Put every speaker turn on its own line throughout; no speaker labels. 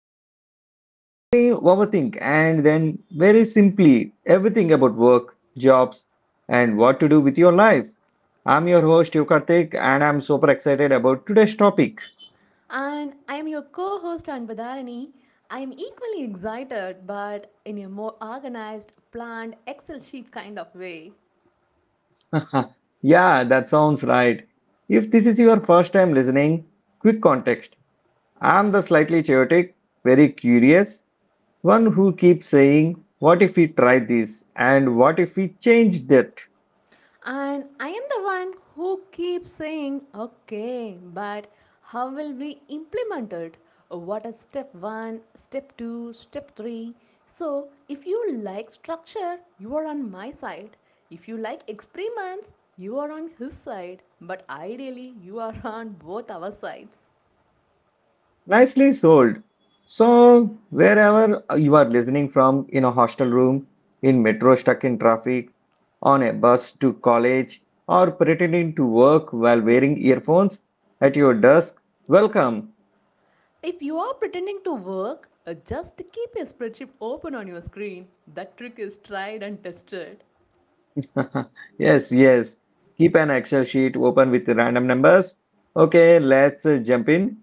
we basically overthink and then very simply everything about work, jobs, and what to do with your life. I'm your host Yukartik and I'm super excited about today's topic.
And I am your co host Anbadharani. I am equally excited, but in a more organized, planned Excel sheet kind of way.
Yeah, that sounds right. If this is your first time listening, quick context. I'm the slightly chaotic, very curious, one who keeps saying, what if we try this? And what if we change that?
And I am the one who keeps saying, okay, but how will we implement it? What is step one, step two, step three? So, if you like structure, you are on my side. If you like experiments, you are on his side. But ideally, you are on both our sides.
Nicely sold. So, wherever you are listening from, in a hostel room, in metro stuck in traffic, on a bus to college, or pretending to work while wearing earphones at your desk, welcome.
If you are pretending to work, just keep a spreadsheet open on your screen. That trick is tried and tested.
Yes, yes. Keep an Excel sheet open with random numbers. Okay, let's jump in.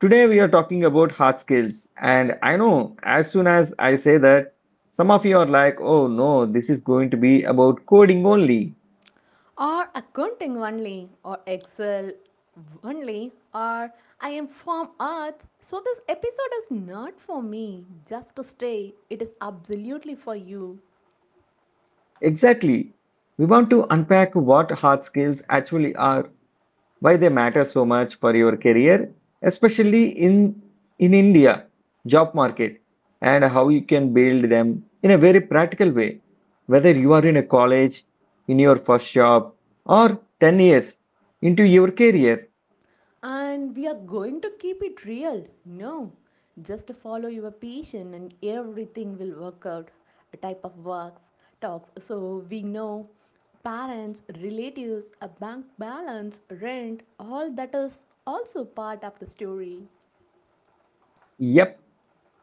Today we are talking about hard skills, and I know as soon as I say that, some of you are like, oh no, this is going to be about coding only.
Or accounting only, or Excel only, or I am from Earth. So this episode is not for me. Just to stay, it is absolutely for you.
Exactly. We want to unpack what hard skills actually are, why they matter so much for your career, especially in India job market, and how you can build them in a very practical way. Whether you are in a college, in your first job, or 10 years into your career.
And we are going to keep it real. No, just follow your passion and everything will work out. A type of works, talks. So we know parents, relatives, a bank balance, rent, all that is also part of the story.
Yep,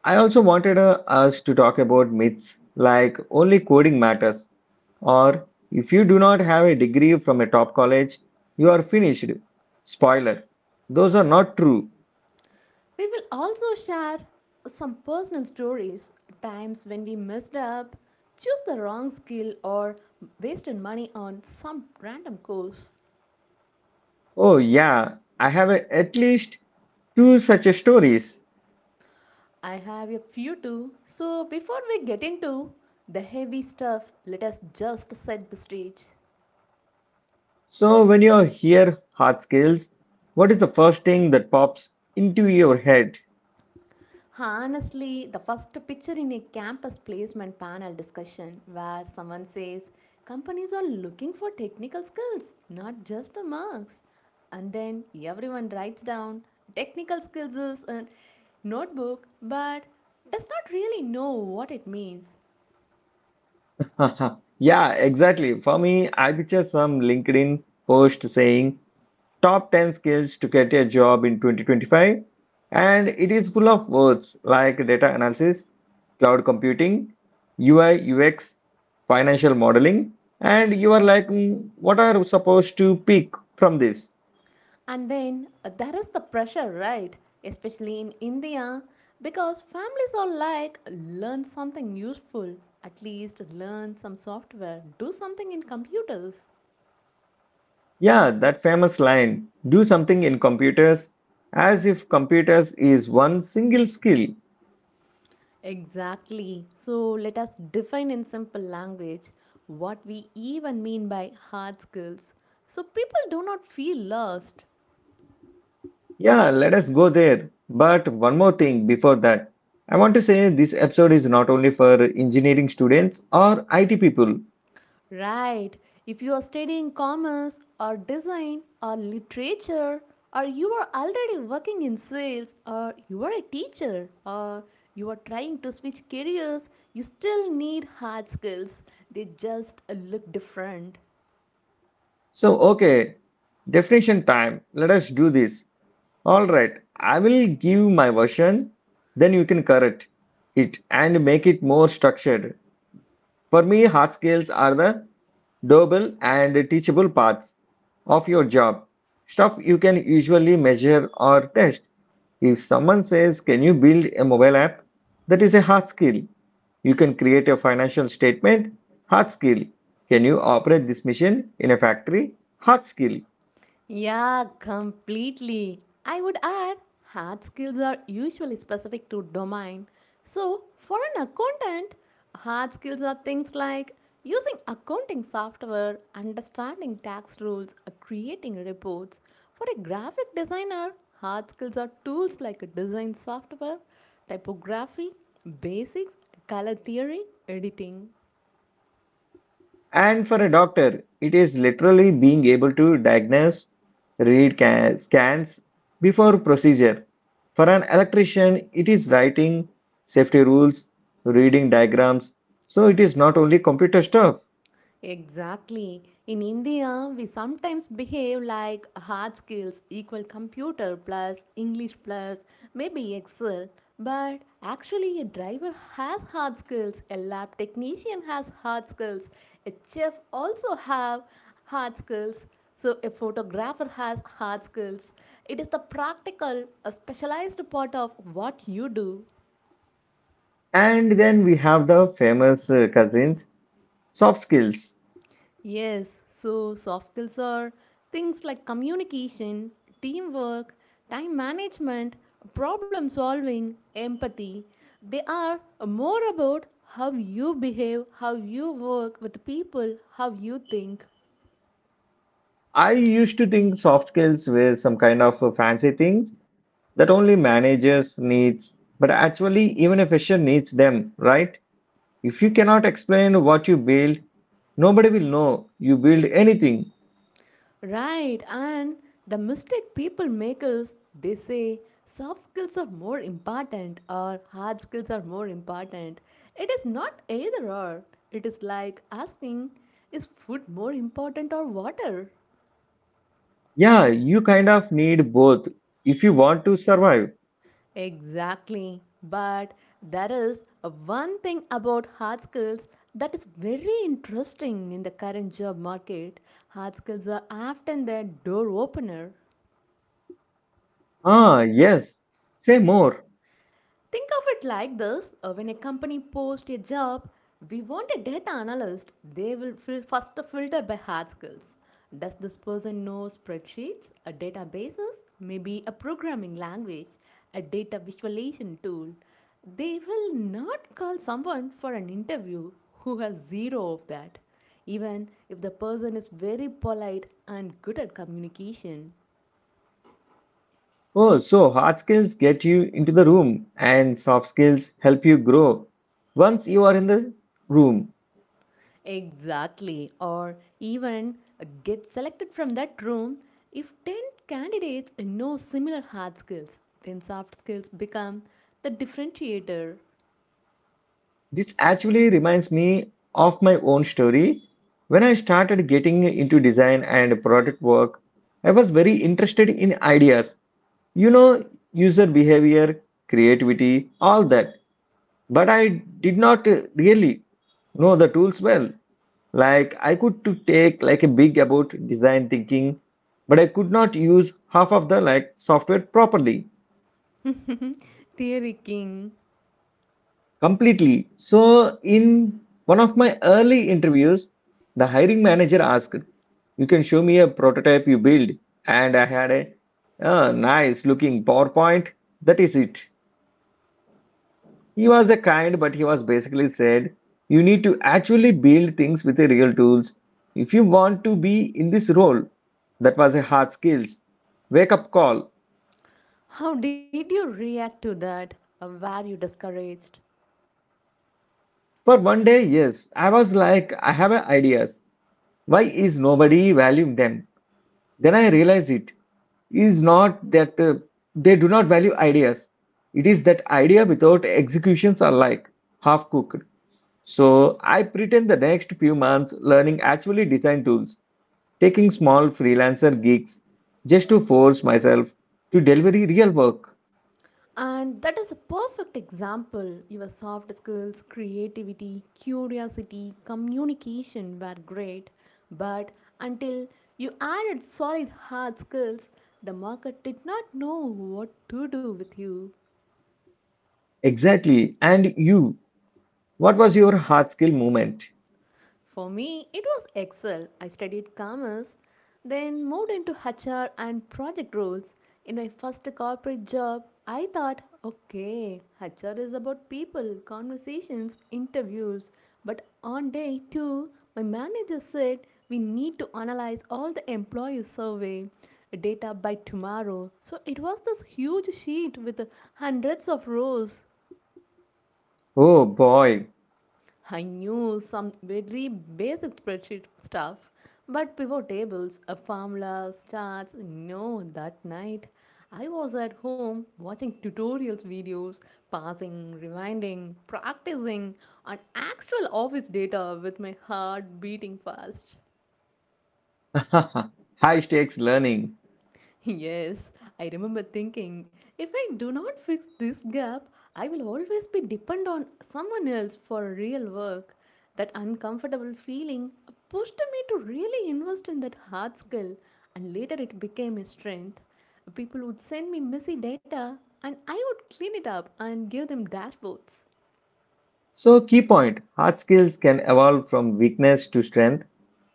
I also wanted us to talk about myths like only coding matters, or if you do not have a degree from a top college, you are finished. Spoiler, those are not true.
We will also share some personal stories, times when we messed up, choose the wrong skill, or wasted money on some random course.
Oh, yeah, at least two such stories.
I have a few too. So, before we get into the heavy stuff, let us just set the stage.
So, when you hear hard skills, what is the first thing that pops into your head?
Honestly, the first picture in a campus placement panel discussion where someone says companies are looking for technical skills, not just the marks. And then everyone writes down technical skills is a notebook but does not really know what it means.
Yeah, exactly. For me, I picture some LinkedIn post saying, top 10 skills to get a job in 2025, and it is full of words like data analysis, cloud computing, ui, ux, financial modeling, and you are like, "Hmm, what are we supposed to pick from this?"
And then there is the pressure, right? Especially in India, because families are like learn something useful, at least learn some software, do something in computers.
Yeah, that famous line, do something in computers, as if computers is one single skill.
Exactly. So let us define in simple language what we even mean by hard skills. So people do not feel lost.
Yeah, let us go there, but one more thing before that. I want to say this episode is not only for engineering students or IT people.
Right. If you are studying commerce or design or literature or you are already working in sales or you are a teacher or you are trying to switch careers, you still need hard skills. They just look different.
So, okay, definition time. Let us do this. All right, I will give my version, then you can correct it and make it more structured. For me, hard skills are the doable and teachable parts of your job, stuff you can usually measure or test. If someone says, can you build a mobile app? That is a hard skill. You can create a financial statement, hard skill. Can you operate this machine in a factory? Hard skill.
Yeah, completely. I would add hard skills are usually specific to domain. So, for an accountant, hard skills are things like using accounting software, understanding tax rules, creating reports. For a graphic designer, hard skills are tools like design software, typography, basics, color theory, editing.
And for a doctor, it is literally being able to diagnose, read scans before procedure. For an electrician, it is writing safety rules, reading diagrams. So it is not only computer stuff.
Exactly. In India, we sometimes behave like hard skills equal computer plus English plus maybe Excel. But actually, a driver has hard skills, a lab technician has hard skills, a chef also have hard skills. So a photographer has hard skills. It is the practical, a specialized part of what you do.
And then we have the famous cousins, soft skills.
Yes, so soft skills are things like communication, teamwork, time management, problem solving, empathy. They are more about how you behave, how you work with people, how you think.
I used to think soft skills were some kind of fancy things that only managers needs, but actually even a fisher needs them, right? If you cannot explain what you build, nobody will know you build anything.
Right, and the mistake people make is they say soft skills are more important or hard skills are more important. It is not either or. It is like asking, is food more important or water?
Yeah, you kind of need both if you want to survive.
Exactly. But there is a one thing about hard skills that is very interesting in the current job market. Hard skills are often the door opener.
Ah, yes. Say more.
Think of it like this when a company posts a job, we want a data analyst, they will first filter by hard skills. Does this person know spreadsheets, a databases, maybe a programming language, a data visualization tool? They will not call someone for an interview who has zero of that even if the person is very polite and good at communication.
Oh, so hard skills get you into the room and soft skills help you grow once you are in the room.
Exactly, or even get selected from that room. If 10 candidates know similar hard skills, then soft skills become the differentiator.
This actually reminds me of my own story. When I started getting into design and product work, I was very interested in ideas, you know, user behavior, creativity, all that. But I did not really know the tools well. Like I could to take like a big about design thinking, but I could not use half of the like software properly.
Theory King,
Completely. So, in one of my early interviews, the hiring manager asked, you can show me a prototype you build? And I had a nice looking PowerPoint. That is it. He was a kind, but he was basically said, you need to actually build things with the real tools if you want to be in this role. That was a hard skills. Wake up call.
how did you react to that? Were you discouraged?
For one day, yes, I was like, I have a ideas. Why is nobody valuing them? Then I realize it is not that they do not value ideas. It is that idea without executions are like half cooked. So I pretend the next few months learning actually design tools, taking small freelancer gigs just to force myself to deliver real work.
And that is a perfect example. Your soft skills, creativity, curiosity, communication were great, but until you added solid hard skills, the market did not know what to do with you.
Exactly. And you, what was your hard skill moment?
For me, it was Excel. I studied commerce, then moved into HR and project roles. In my first corporate job, I thought, okay, HR is about people, conversations, interviews. But on day two, my manager said we need to analyze all the employee survey data by tomorrow. So it was this huge sheet with hundreds of rows.
Oh boy.
I knew some very basic spreadsheet stuff, but pivot tables, a formulas, charts, no, that night I was at home watching tutorials videos, pausing, rewinding, practicing, on actual office data with my heart beating fast.
High stakes learning.
Yes, I remember thinking if I do not fix this gap, I will always be dependent on someone else for real work. That uncomfortable feeling pushed me to really invest in that hard skill, and later it became a strength. People would send me messy data, and I would clean it up and give them dashboards.
So, key point, hard skills can evolve from weakness to strength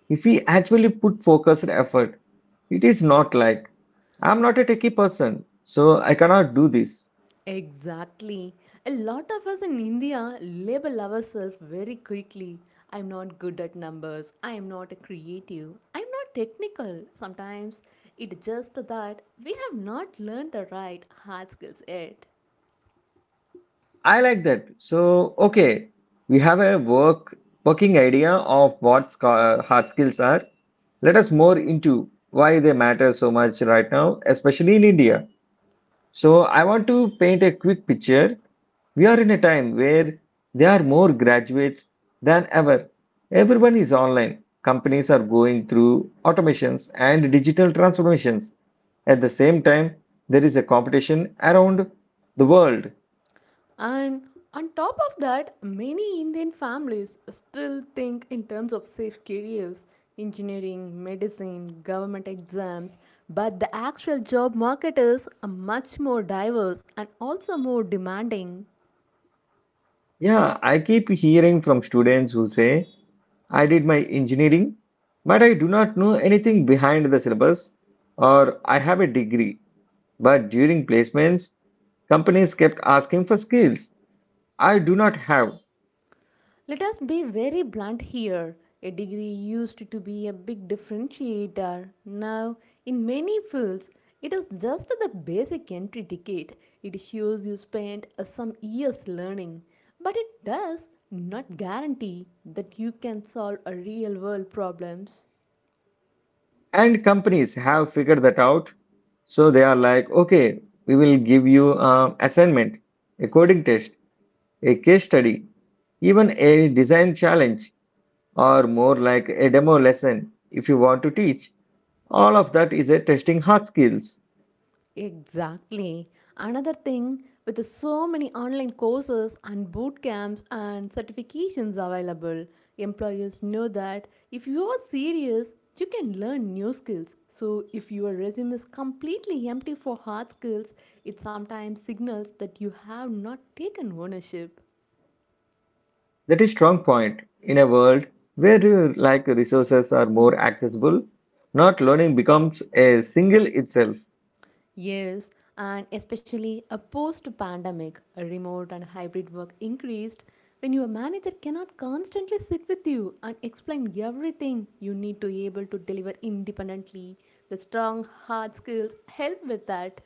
if we actually put focused effort. It is not like I'm not a techie person, so I cannot do this.
Exactly. A lot of us in India label ourselves very quickly. I'm not good at numbers. I am not a creative. I'm not technical. Sometimes it's just that we have not learned the right hard skills yet.
I like that. So, okay, we have a working idea of what hard skills are. Let us more into why they matter so much right now, especially in India. So I want to paint a quick picture. We are in a time where there are more graduates than ever. Everyone is online. Companies are going through automations and digital transformations. At the same time, there is a competition around the world.
And on top of that, many Indian families still think in terms of safe careers engineering, medicine, government exams. But the actual job market is much more diverse and also more demanding.
Yeah, I keep hearing from students who say I did my engineering, but I do not know anything behind the syllabus, or I have a degree. But during placements, companies kept asking for skills I do not have,
Let us be very blunt here. A degree used to be a big differentiator. Now, in many fields, it is just the basic entry ticket. It shows you spent some years learning, but it does not guarantee that you can solve a real world problems.
and companies have figured that out. So they are like, okay, we will give you an assignment, a coding test, a case study, even a design challenge, or more like a demo lesson if you want to teach. All of that is a testing hard skills.
Exactly. Another thing with the so many online courses and boot camps and certifications available, employers know that if you are serious, you can learn new skills. So if your resume is completely empty for hard skills, it sometimes signals that you have not taken ownership.
That is strong point. In a world where like resources are more accessible, not learning becomes a single itself.
Yes, and especially a post pandemic, a remote and hybrid work increased when your manager cannot constantly sit with you and explain everything you need to be able to deliver independently. The strong hard skills help with that.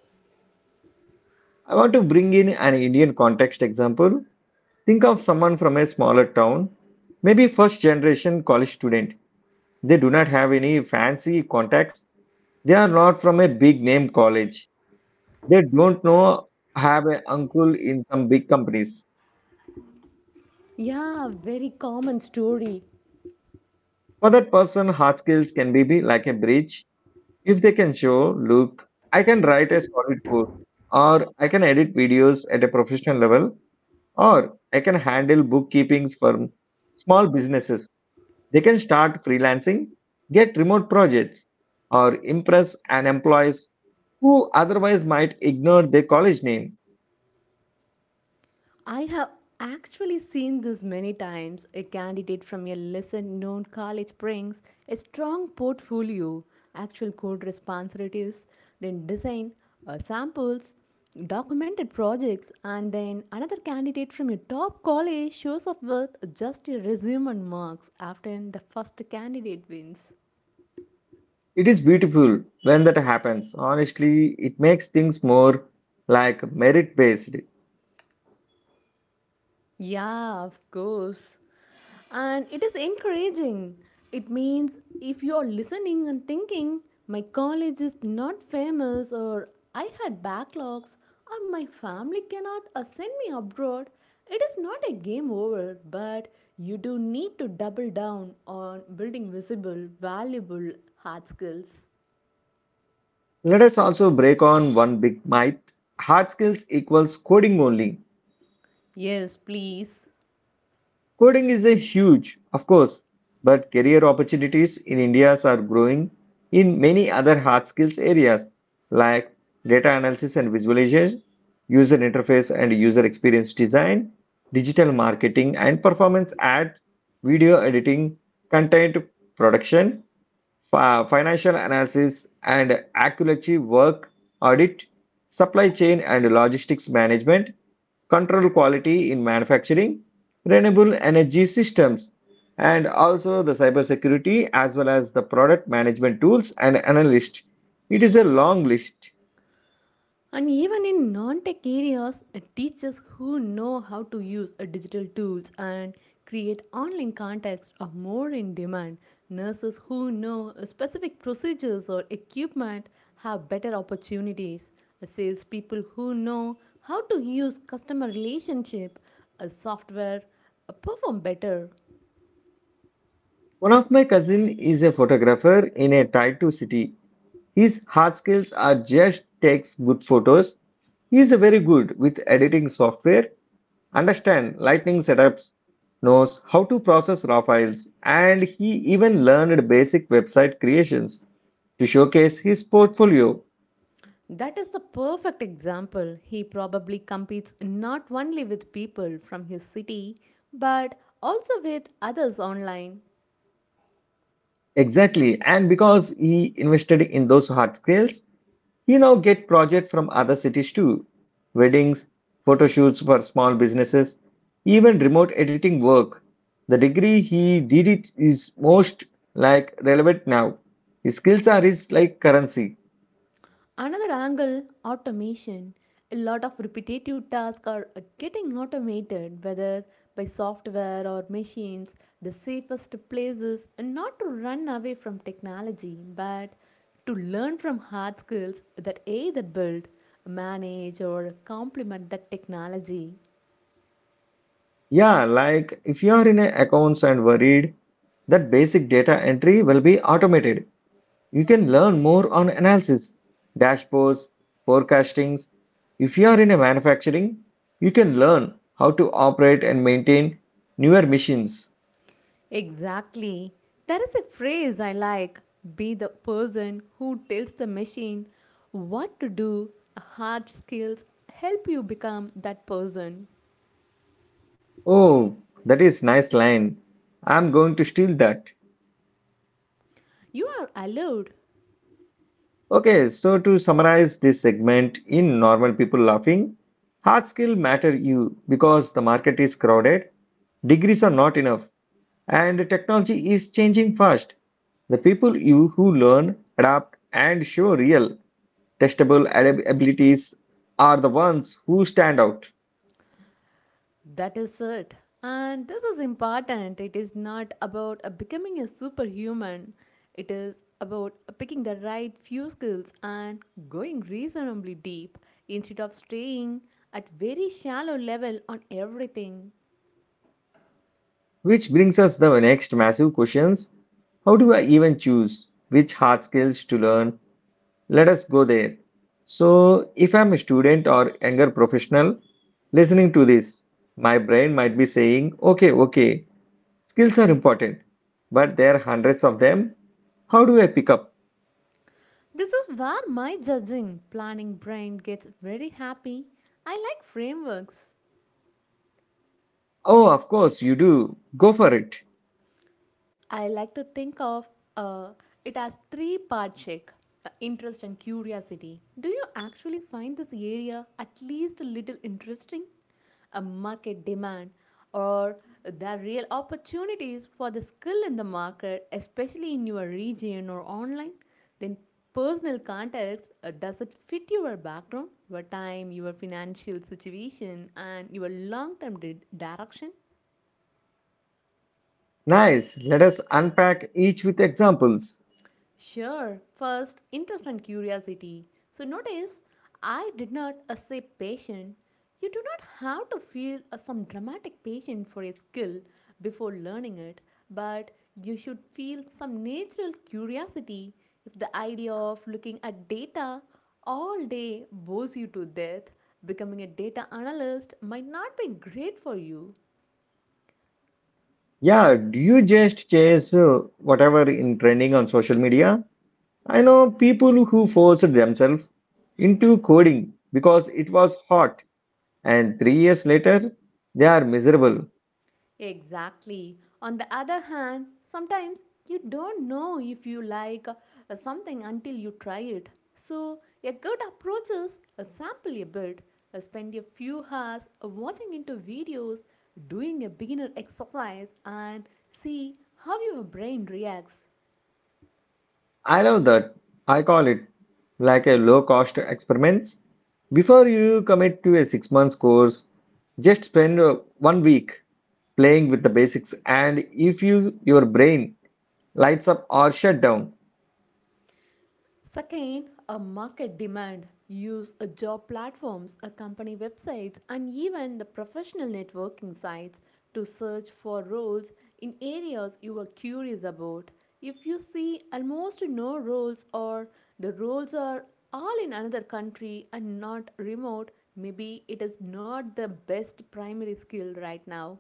I want to bring in an Indian context example. Think of someone from a smaller town, maybe first generation college student. They do not have any fancy contacts. They are not from a big name college. They don't know have an uncle in some big companies.
Yeah, very common story.
For that person, hard skills can be like a bridge. If they can show, look, I can write a solid code, or I can edit videos at a professional level, or I can handle bookkeepings for small businesses. They can start freelancing, get remote projects, or impress an employees who otherwise might ignore their college name.
I have actually seen this many times. A candidate from a lesser known college brings a strong portfolio, actual code responsibilities, then design samples, documented projects, and then another candidate from a top college shows up with just a resume and marks after the first candidate wins.
It is beautiful when that happens. Honestly, it makes things more like merit based.
Yeah, of course. And it is encouraging. It means if you are listening and thinking, my college is not famous, or I had backlogs, or my family cannot send me abroad, it is not a game over, but you do need to double down on building visible, valuable hard skills.
Let us also break on one big myth, hard skills equals coding only.
Yes, please.
Coding is a huge, of course, but career opportunities in India are growing in many other hard skills areas like data analysis and visualization, user interface and user experience design, digital marketing and performance ad, video editing, content production, financial analysis and accuracy work, audit, supply chain and logistics management, control quality in manufacturing, renewable energy systems, and also the cybersecurity as well as the product management tools and analyst. It is a long list.
And even in non-tech areas, teachers who know how to use digital tools and create online contacts are more in demand. Nurses who know specific procedures or equipment have better opportunities. Salespeople who know how to use customer relationship software perform better.
One of my cousin is a photographer in a tier 2 city. His hard skills are just takes good photos. He is very good with editing software, understand lighting setups, knows how to process raw files, and he even learned basic website creations to showcase his portfolio.
That is the perfect example. He probably competes not only with people from his city, but also with others online.
Exactly. And because he invested in those hard skills, he now get project from other cities too. Weddings, photo shoots for small businesses, even remote editing work. The degree he did it is most like relevant now. His skills are his like currency.
Another angle automation. A lot of repetitive tasks are getting automated, whether by software or machines. The safest place is not to run away from technology, but to learn from hard skills that either build, manage, or complement that technology.
Yeah, like if you are in a accounts and worried, that basic data entry will be automated. You can learn more on analysis, dashboards, forecastings. If you are in a manufacturing, you can learn how to operate and maintain newer machines.
Exactly. There is a phrase I like be the person who tells the machine what to do. Hard skills help you become that person.
Oh, that is nice line. I am going to steal that.
You are allowed.
Okay, so to summarize this segment in normal people laughing, hard skill matter you because the market is crowded, degrees are not enough, and technology is changing fast. The people you who learn, adapt, and show real testable abilities are the ones who stand out.
That is it. And this is important. It is not about becoming a superhuman, it is about picking the right few skills and going reasonably deep instead of staying at very shallow level on everything.
Which brings us the next massive questions. How do I even choose which hard skills to learn? Let us go there. So, if I'm a student or younger professional listening to this, my brain might be saying, okay, okay, skills are important, but there are hundreds of them. How do I pick up?
This is where my judging planning brain gets very happy. I like frameworks.
Oh, of course, you do. Go for it.
I like to think of uh, it as three-part check interest and curiosity. Do you actually find this area at least a little interesting? A market demand or there are real opportunities for the skill in the market, especially in your region or online? Then personal context does it fit your background, your time, your financial situation, and your long term direction?
Nice. Let us unpack each with examples.
Sure, first, interest and curiosity. So notice, I did not say patient. You do not have to feel some dramatic patient for a skill before learning it, but you should feel some natural curiosity if the idea of looking at data all day bores you to death. Becoming a data analyst might not be great for you.
Yeah, do you just chase whatever in trending on social media? I know people who forced themselves into coding because it was hot. And 3 years later, they are miserable.
Exactly. On the other hand, sometimes you don't know if you like something until you try it. So, a good approach is sample a bit, spend a few hours watching into videos, doing a beginner exercise, and see how your brain reacts.
I love that. I call it like a low cost experiments. Before you commit to a 6 months course, just spend one week playing with the basics and if you your brain lights up or shut down.
Second, a market demand. Use a job platforms, a company websites, and even the professional networking sites to search for roles in areas you are curious about. If you see almost no roles or the roles are all in another country and not remote, maybe it is not the best primary skill right now.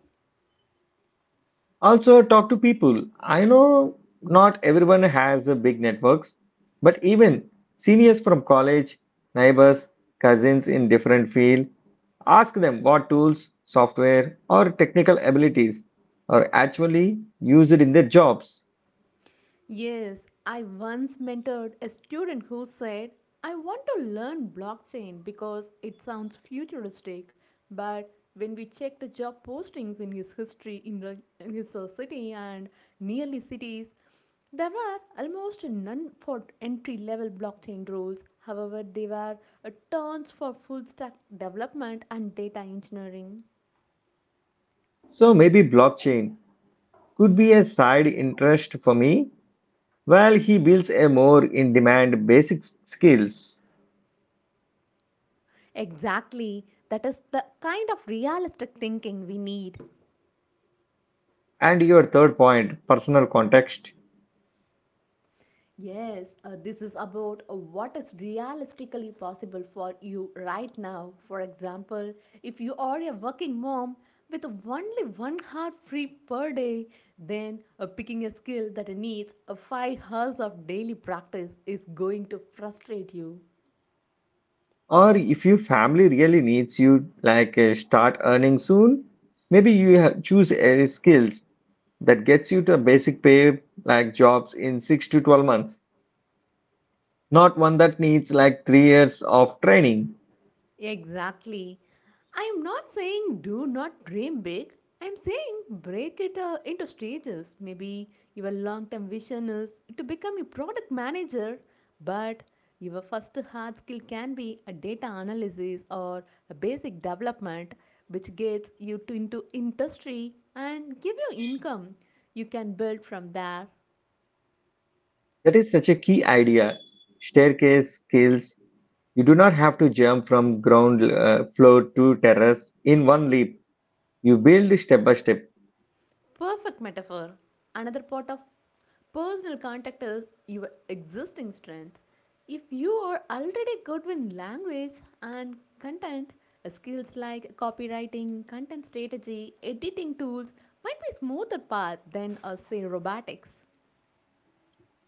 Also, talk to people. I know not everyone has a big networks, but even seniors from college, neighbors, cousins in different field, ask them what tools, software, or technical abilities are actually used in their jobs.
Yes, I once mentored a student who said, "I want to learn blockchain because it sounds futuristic." But when we checked the job postings in his history in, the- in his city and nearly cities, there were almost none for entry level blockchain roles. However, there were tons for full stack development and data engineering.
So maybe blockchain could be a side interest for me while he builds a more in demand basic skills.
Exactly, that is the kind of realistic thinking we need.
And your third point, personal context.
Yes, this is about what is realistically possible for you right now. For example, if you are a working mom with only 1 hour free per day, then picking a skill that needs 5 hours of daily practice is going to frustrate you.
Or if your family really needs you, like start earning soon, maybe you ha choose a skills that gets you to a basic pay like jobs in 6 to 12 months, not one that needs like 3 years of training.
Exactly. I'm not saying do not dream big. I'm saying break it into stages. Maybe your long term vision is to become a product manager, but your first hard skill can be a data analysis or a basic development, which gets you to into industry and give you income you can build from there.
That is such a key idea. Staircase skills. You do not have to jump from ground floor to terrace in one leap. You build step by step.
Perfect metaphor. Another part of personal contact is your existing strength. If you are already good with language and content, skills like copywriting, content strategy, editing tools might be smoother path than a say robotics.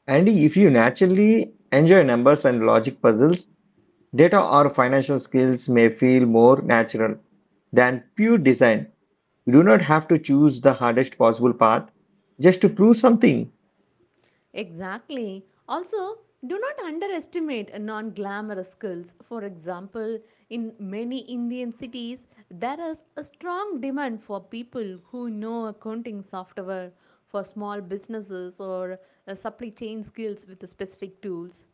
And if you naturally enjoy numbers and logic puzzles, data or financial skills may feel more natural than pure design. You do not have to choose the hardest possible path just to prove something.
Exactly. Also, do not underestimate non glamorous skills. For example, in many Indian cities, there is a strong demand for people who know accounting software for small businesses or supply chain skills with specific tools.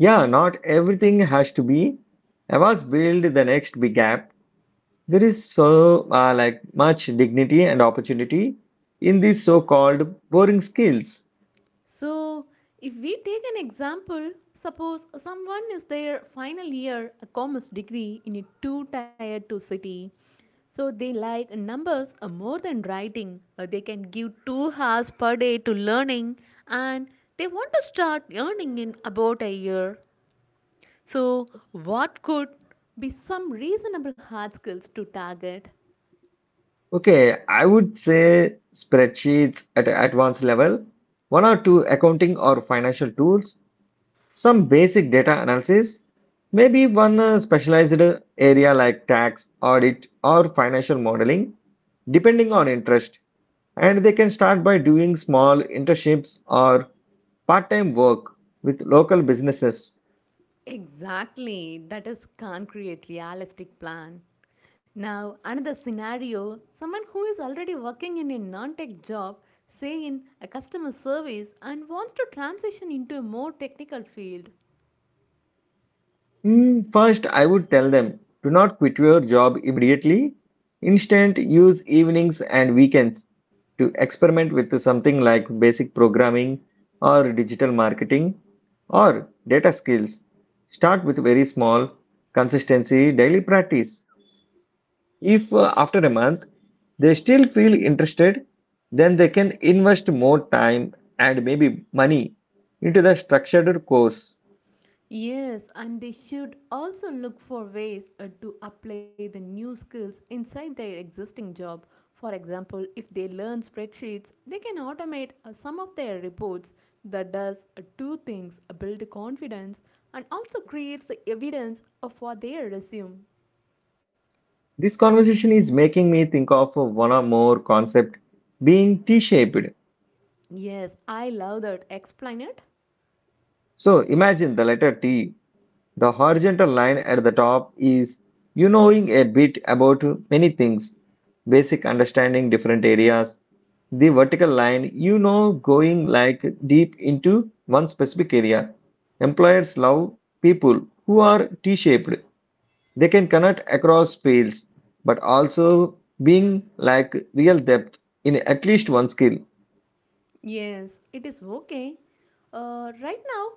Yeah, not everything has to be. I was build the next big app. There is so like much dignity and opportunity in these so-called boring skills.
So, if we take an example, suppose someone is their final year, a commerce degree in a 2 tired to city. So, they like numbers more than writing. They can give 2 hours per day to learning and they want to start earning in about a year. So, what could be some reasonable hard skills to target?
Okay, I would say spreadsheets at advanced level, one or two accounting or financial tools, some basic data analysis, maybe one specialized area like tax, audit, or financial modeling, depending on interest. And they can start by doing small internships or part time work with local businesses.
Exactly, that is can't create realistic plan. Now, another scenario, someone who is already working in a non-tech job, say in a customer service and wants to transition into a more technical field.
Hmm, first, I would tell them do not quit your job immediately. Instead, use evenings and weekends to experiment with something like basic programming or digital marketing or data skills. Start with very small, consistency, daily practice. If after a month they still feel interested, then they can invest more time and maybe money into the structured course.
Yes, and they should also look for ways to apply the new skills inside their existing job. For example, if they learn spreadsheets, they can automate some of their reports that does two things, build confidence and also creates the evidence for their resume.
This conversation is making me think of one or more concept being T-shaped.
Yes, I love that. Explain it.
So imagine the letter T. The horizontal line at the top is you knowing a bit about many things, basic understanding different areas. The vertical line, you know, going like deep into one specific area. Employers love people who are T-shaped. They can connect across fields, but also being like real depth in at least one skill.
Yes, it is okay. Right now,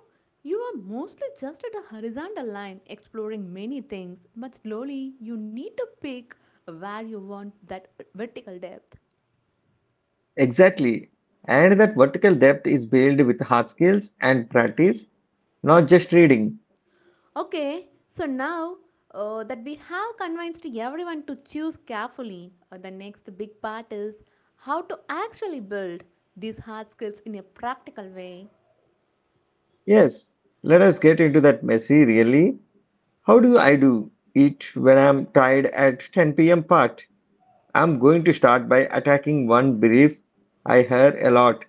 you are mostly just at a horizontal line, exploring many things, but slowly you need to pick where you want that vertical depth.
Exactly. And that vertical depth is built with hard skills and practice, not just reading.
Okay, so now that we have convinced everyone to choose carefully, the next big part is how to actually build these hard skills in a practical way.
Yes, let us get into that messy really. How do I do it when I'm tired at 10 p.m. part? I'm going to start by attacking one brief I hear a lot.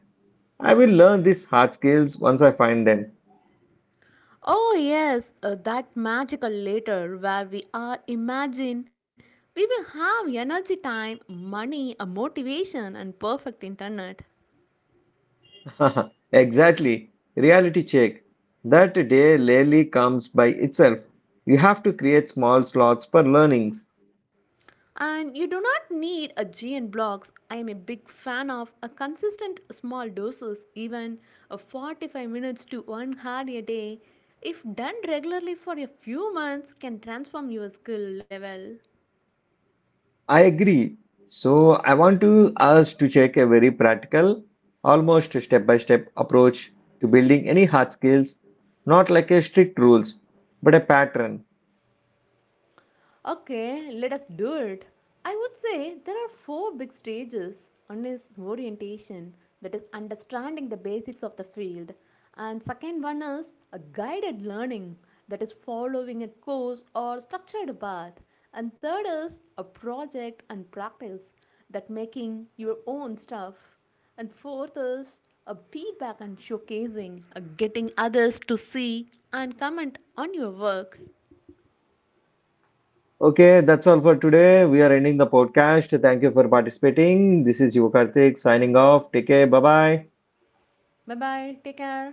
I will learn these hard skills once I find them.
Oh yes, that magical later where we are imagine we will have energy, time, money, a motivation and perfect internet.
Exactly. Reality check. That day rarely comes by itself. You have to create small slots for learnings.
And you do not need a GN blocks. I am a big fan of a consistent small doses, even a 45 minutes to 1 hour a day. If done regularly for a few months can transform your skill level.
I agree. So I want to us to check a very practical, almost step-by-step approach to building any hard skills, not like a strict rules, but a pattern.
Okay, let us do it. I would say there are four big stages. One is orientation, that is understanding the basics of the field. And second one is a guided learning, that is following a course or structured path. And third is a project and practice, that making your own stuff. And fourth is a feedback and showcasing, a getting others to see and comment on your work.
Okay, that's all for today. We are ending the podcast. Thank you for participating. This is Yuva Karthik signing off. Take care. Bye bye.
Bye bye, take care.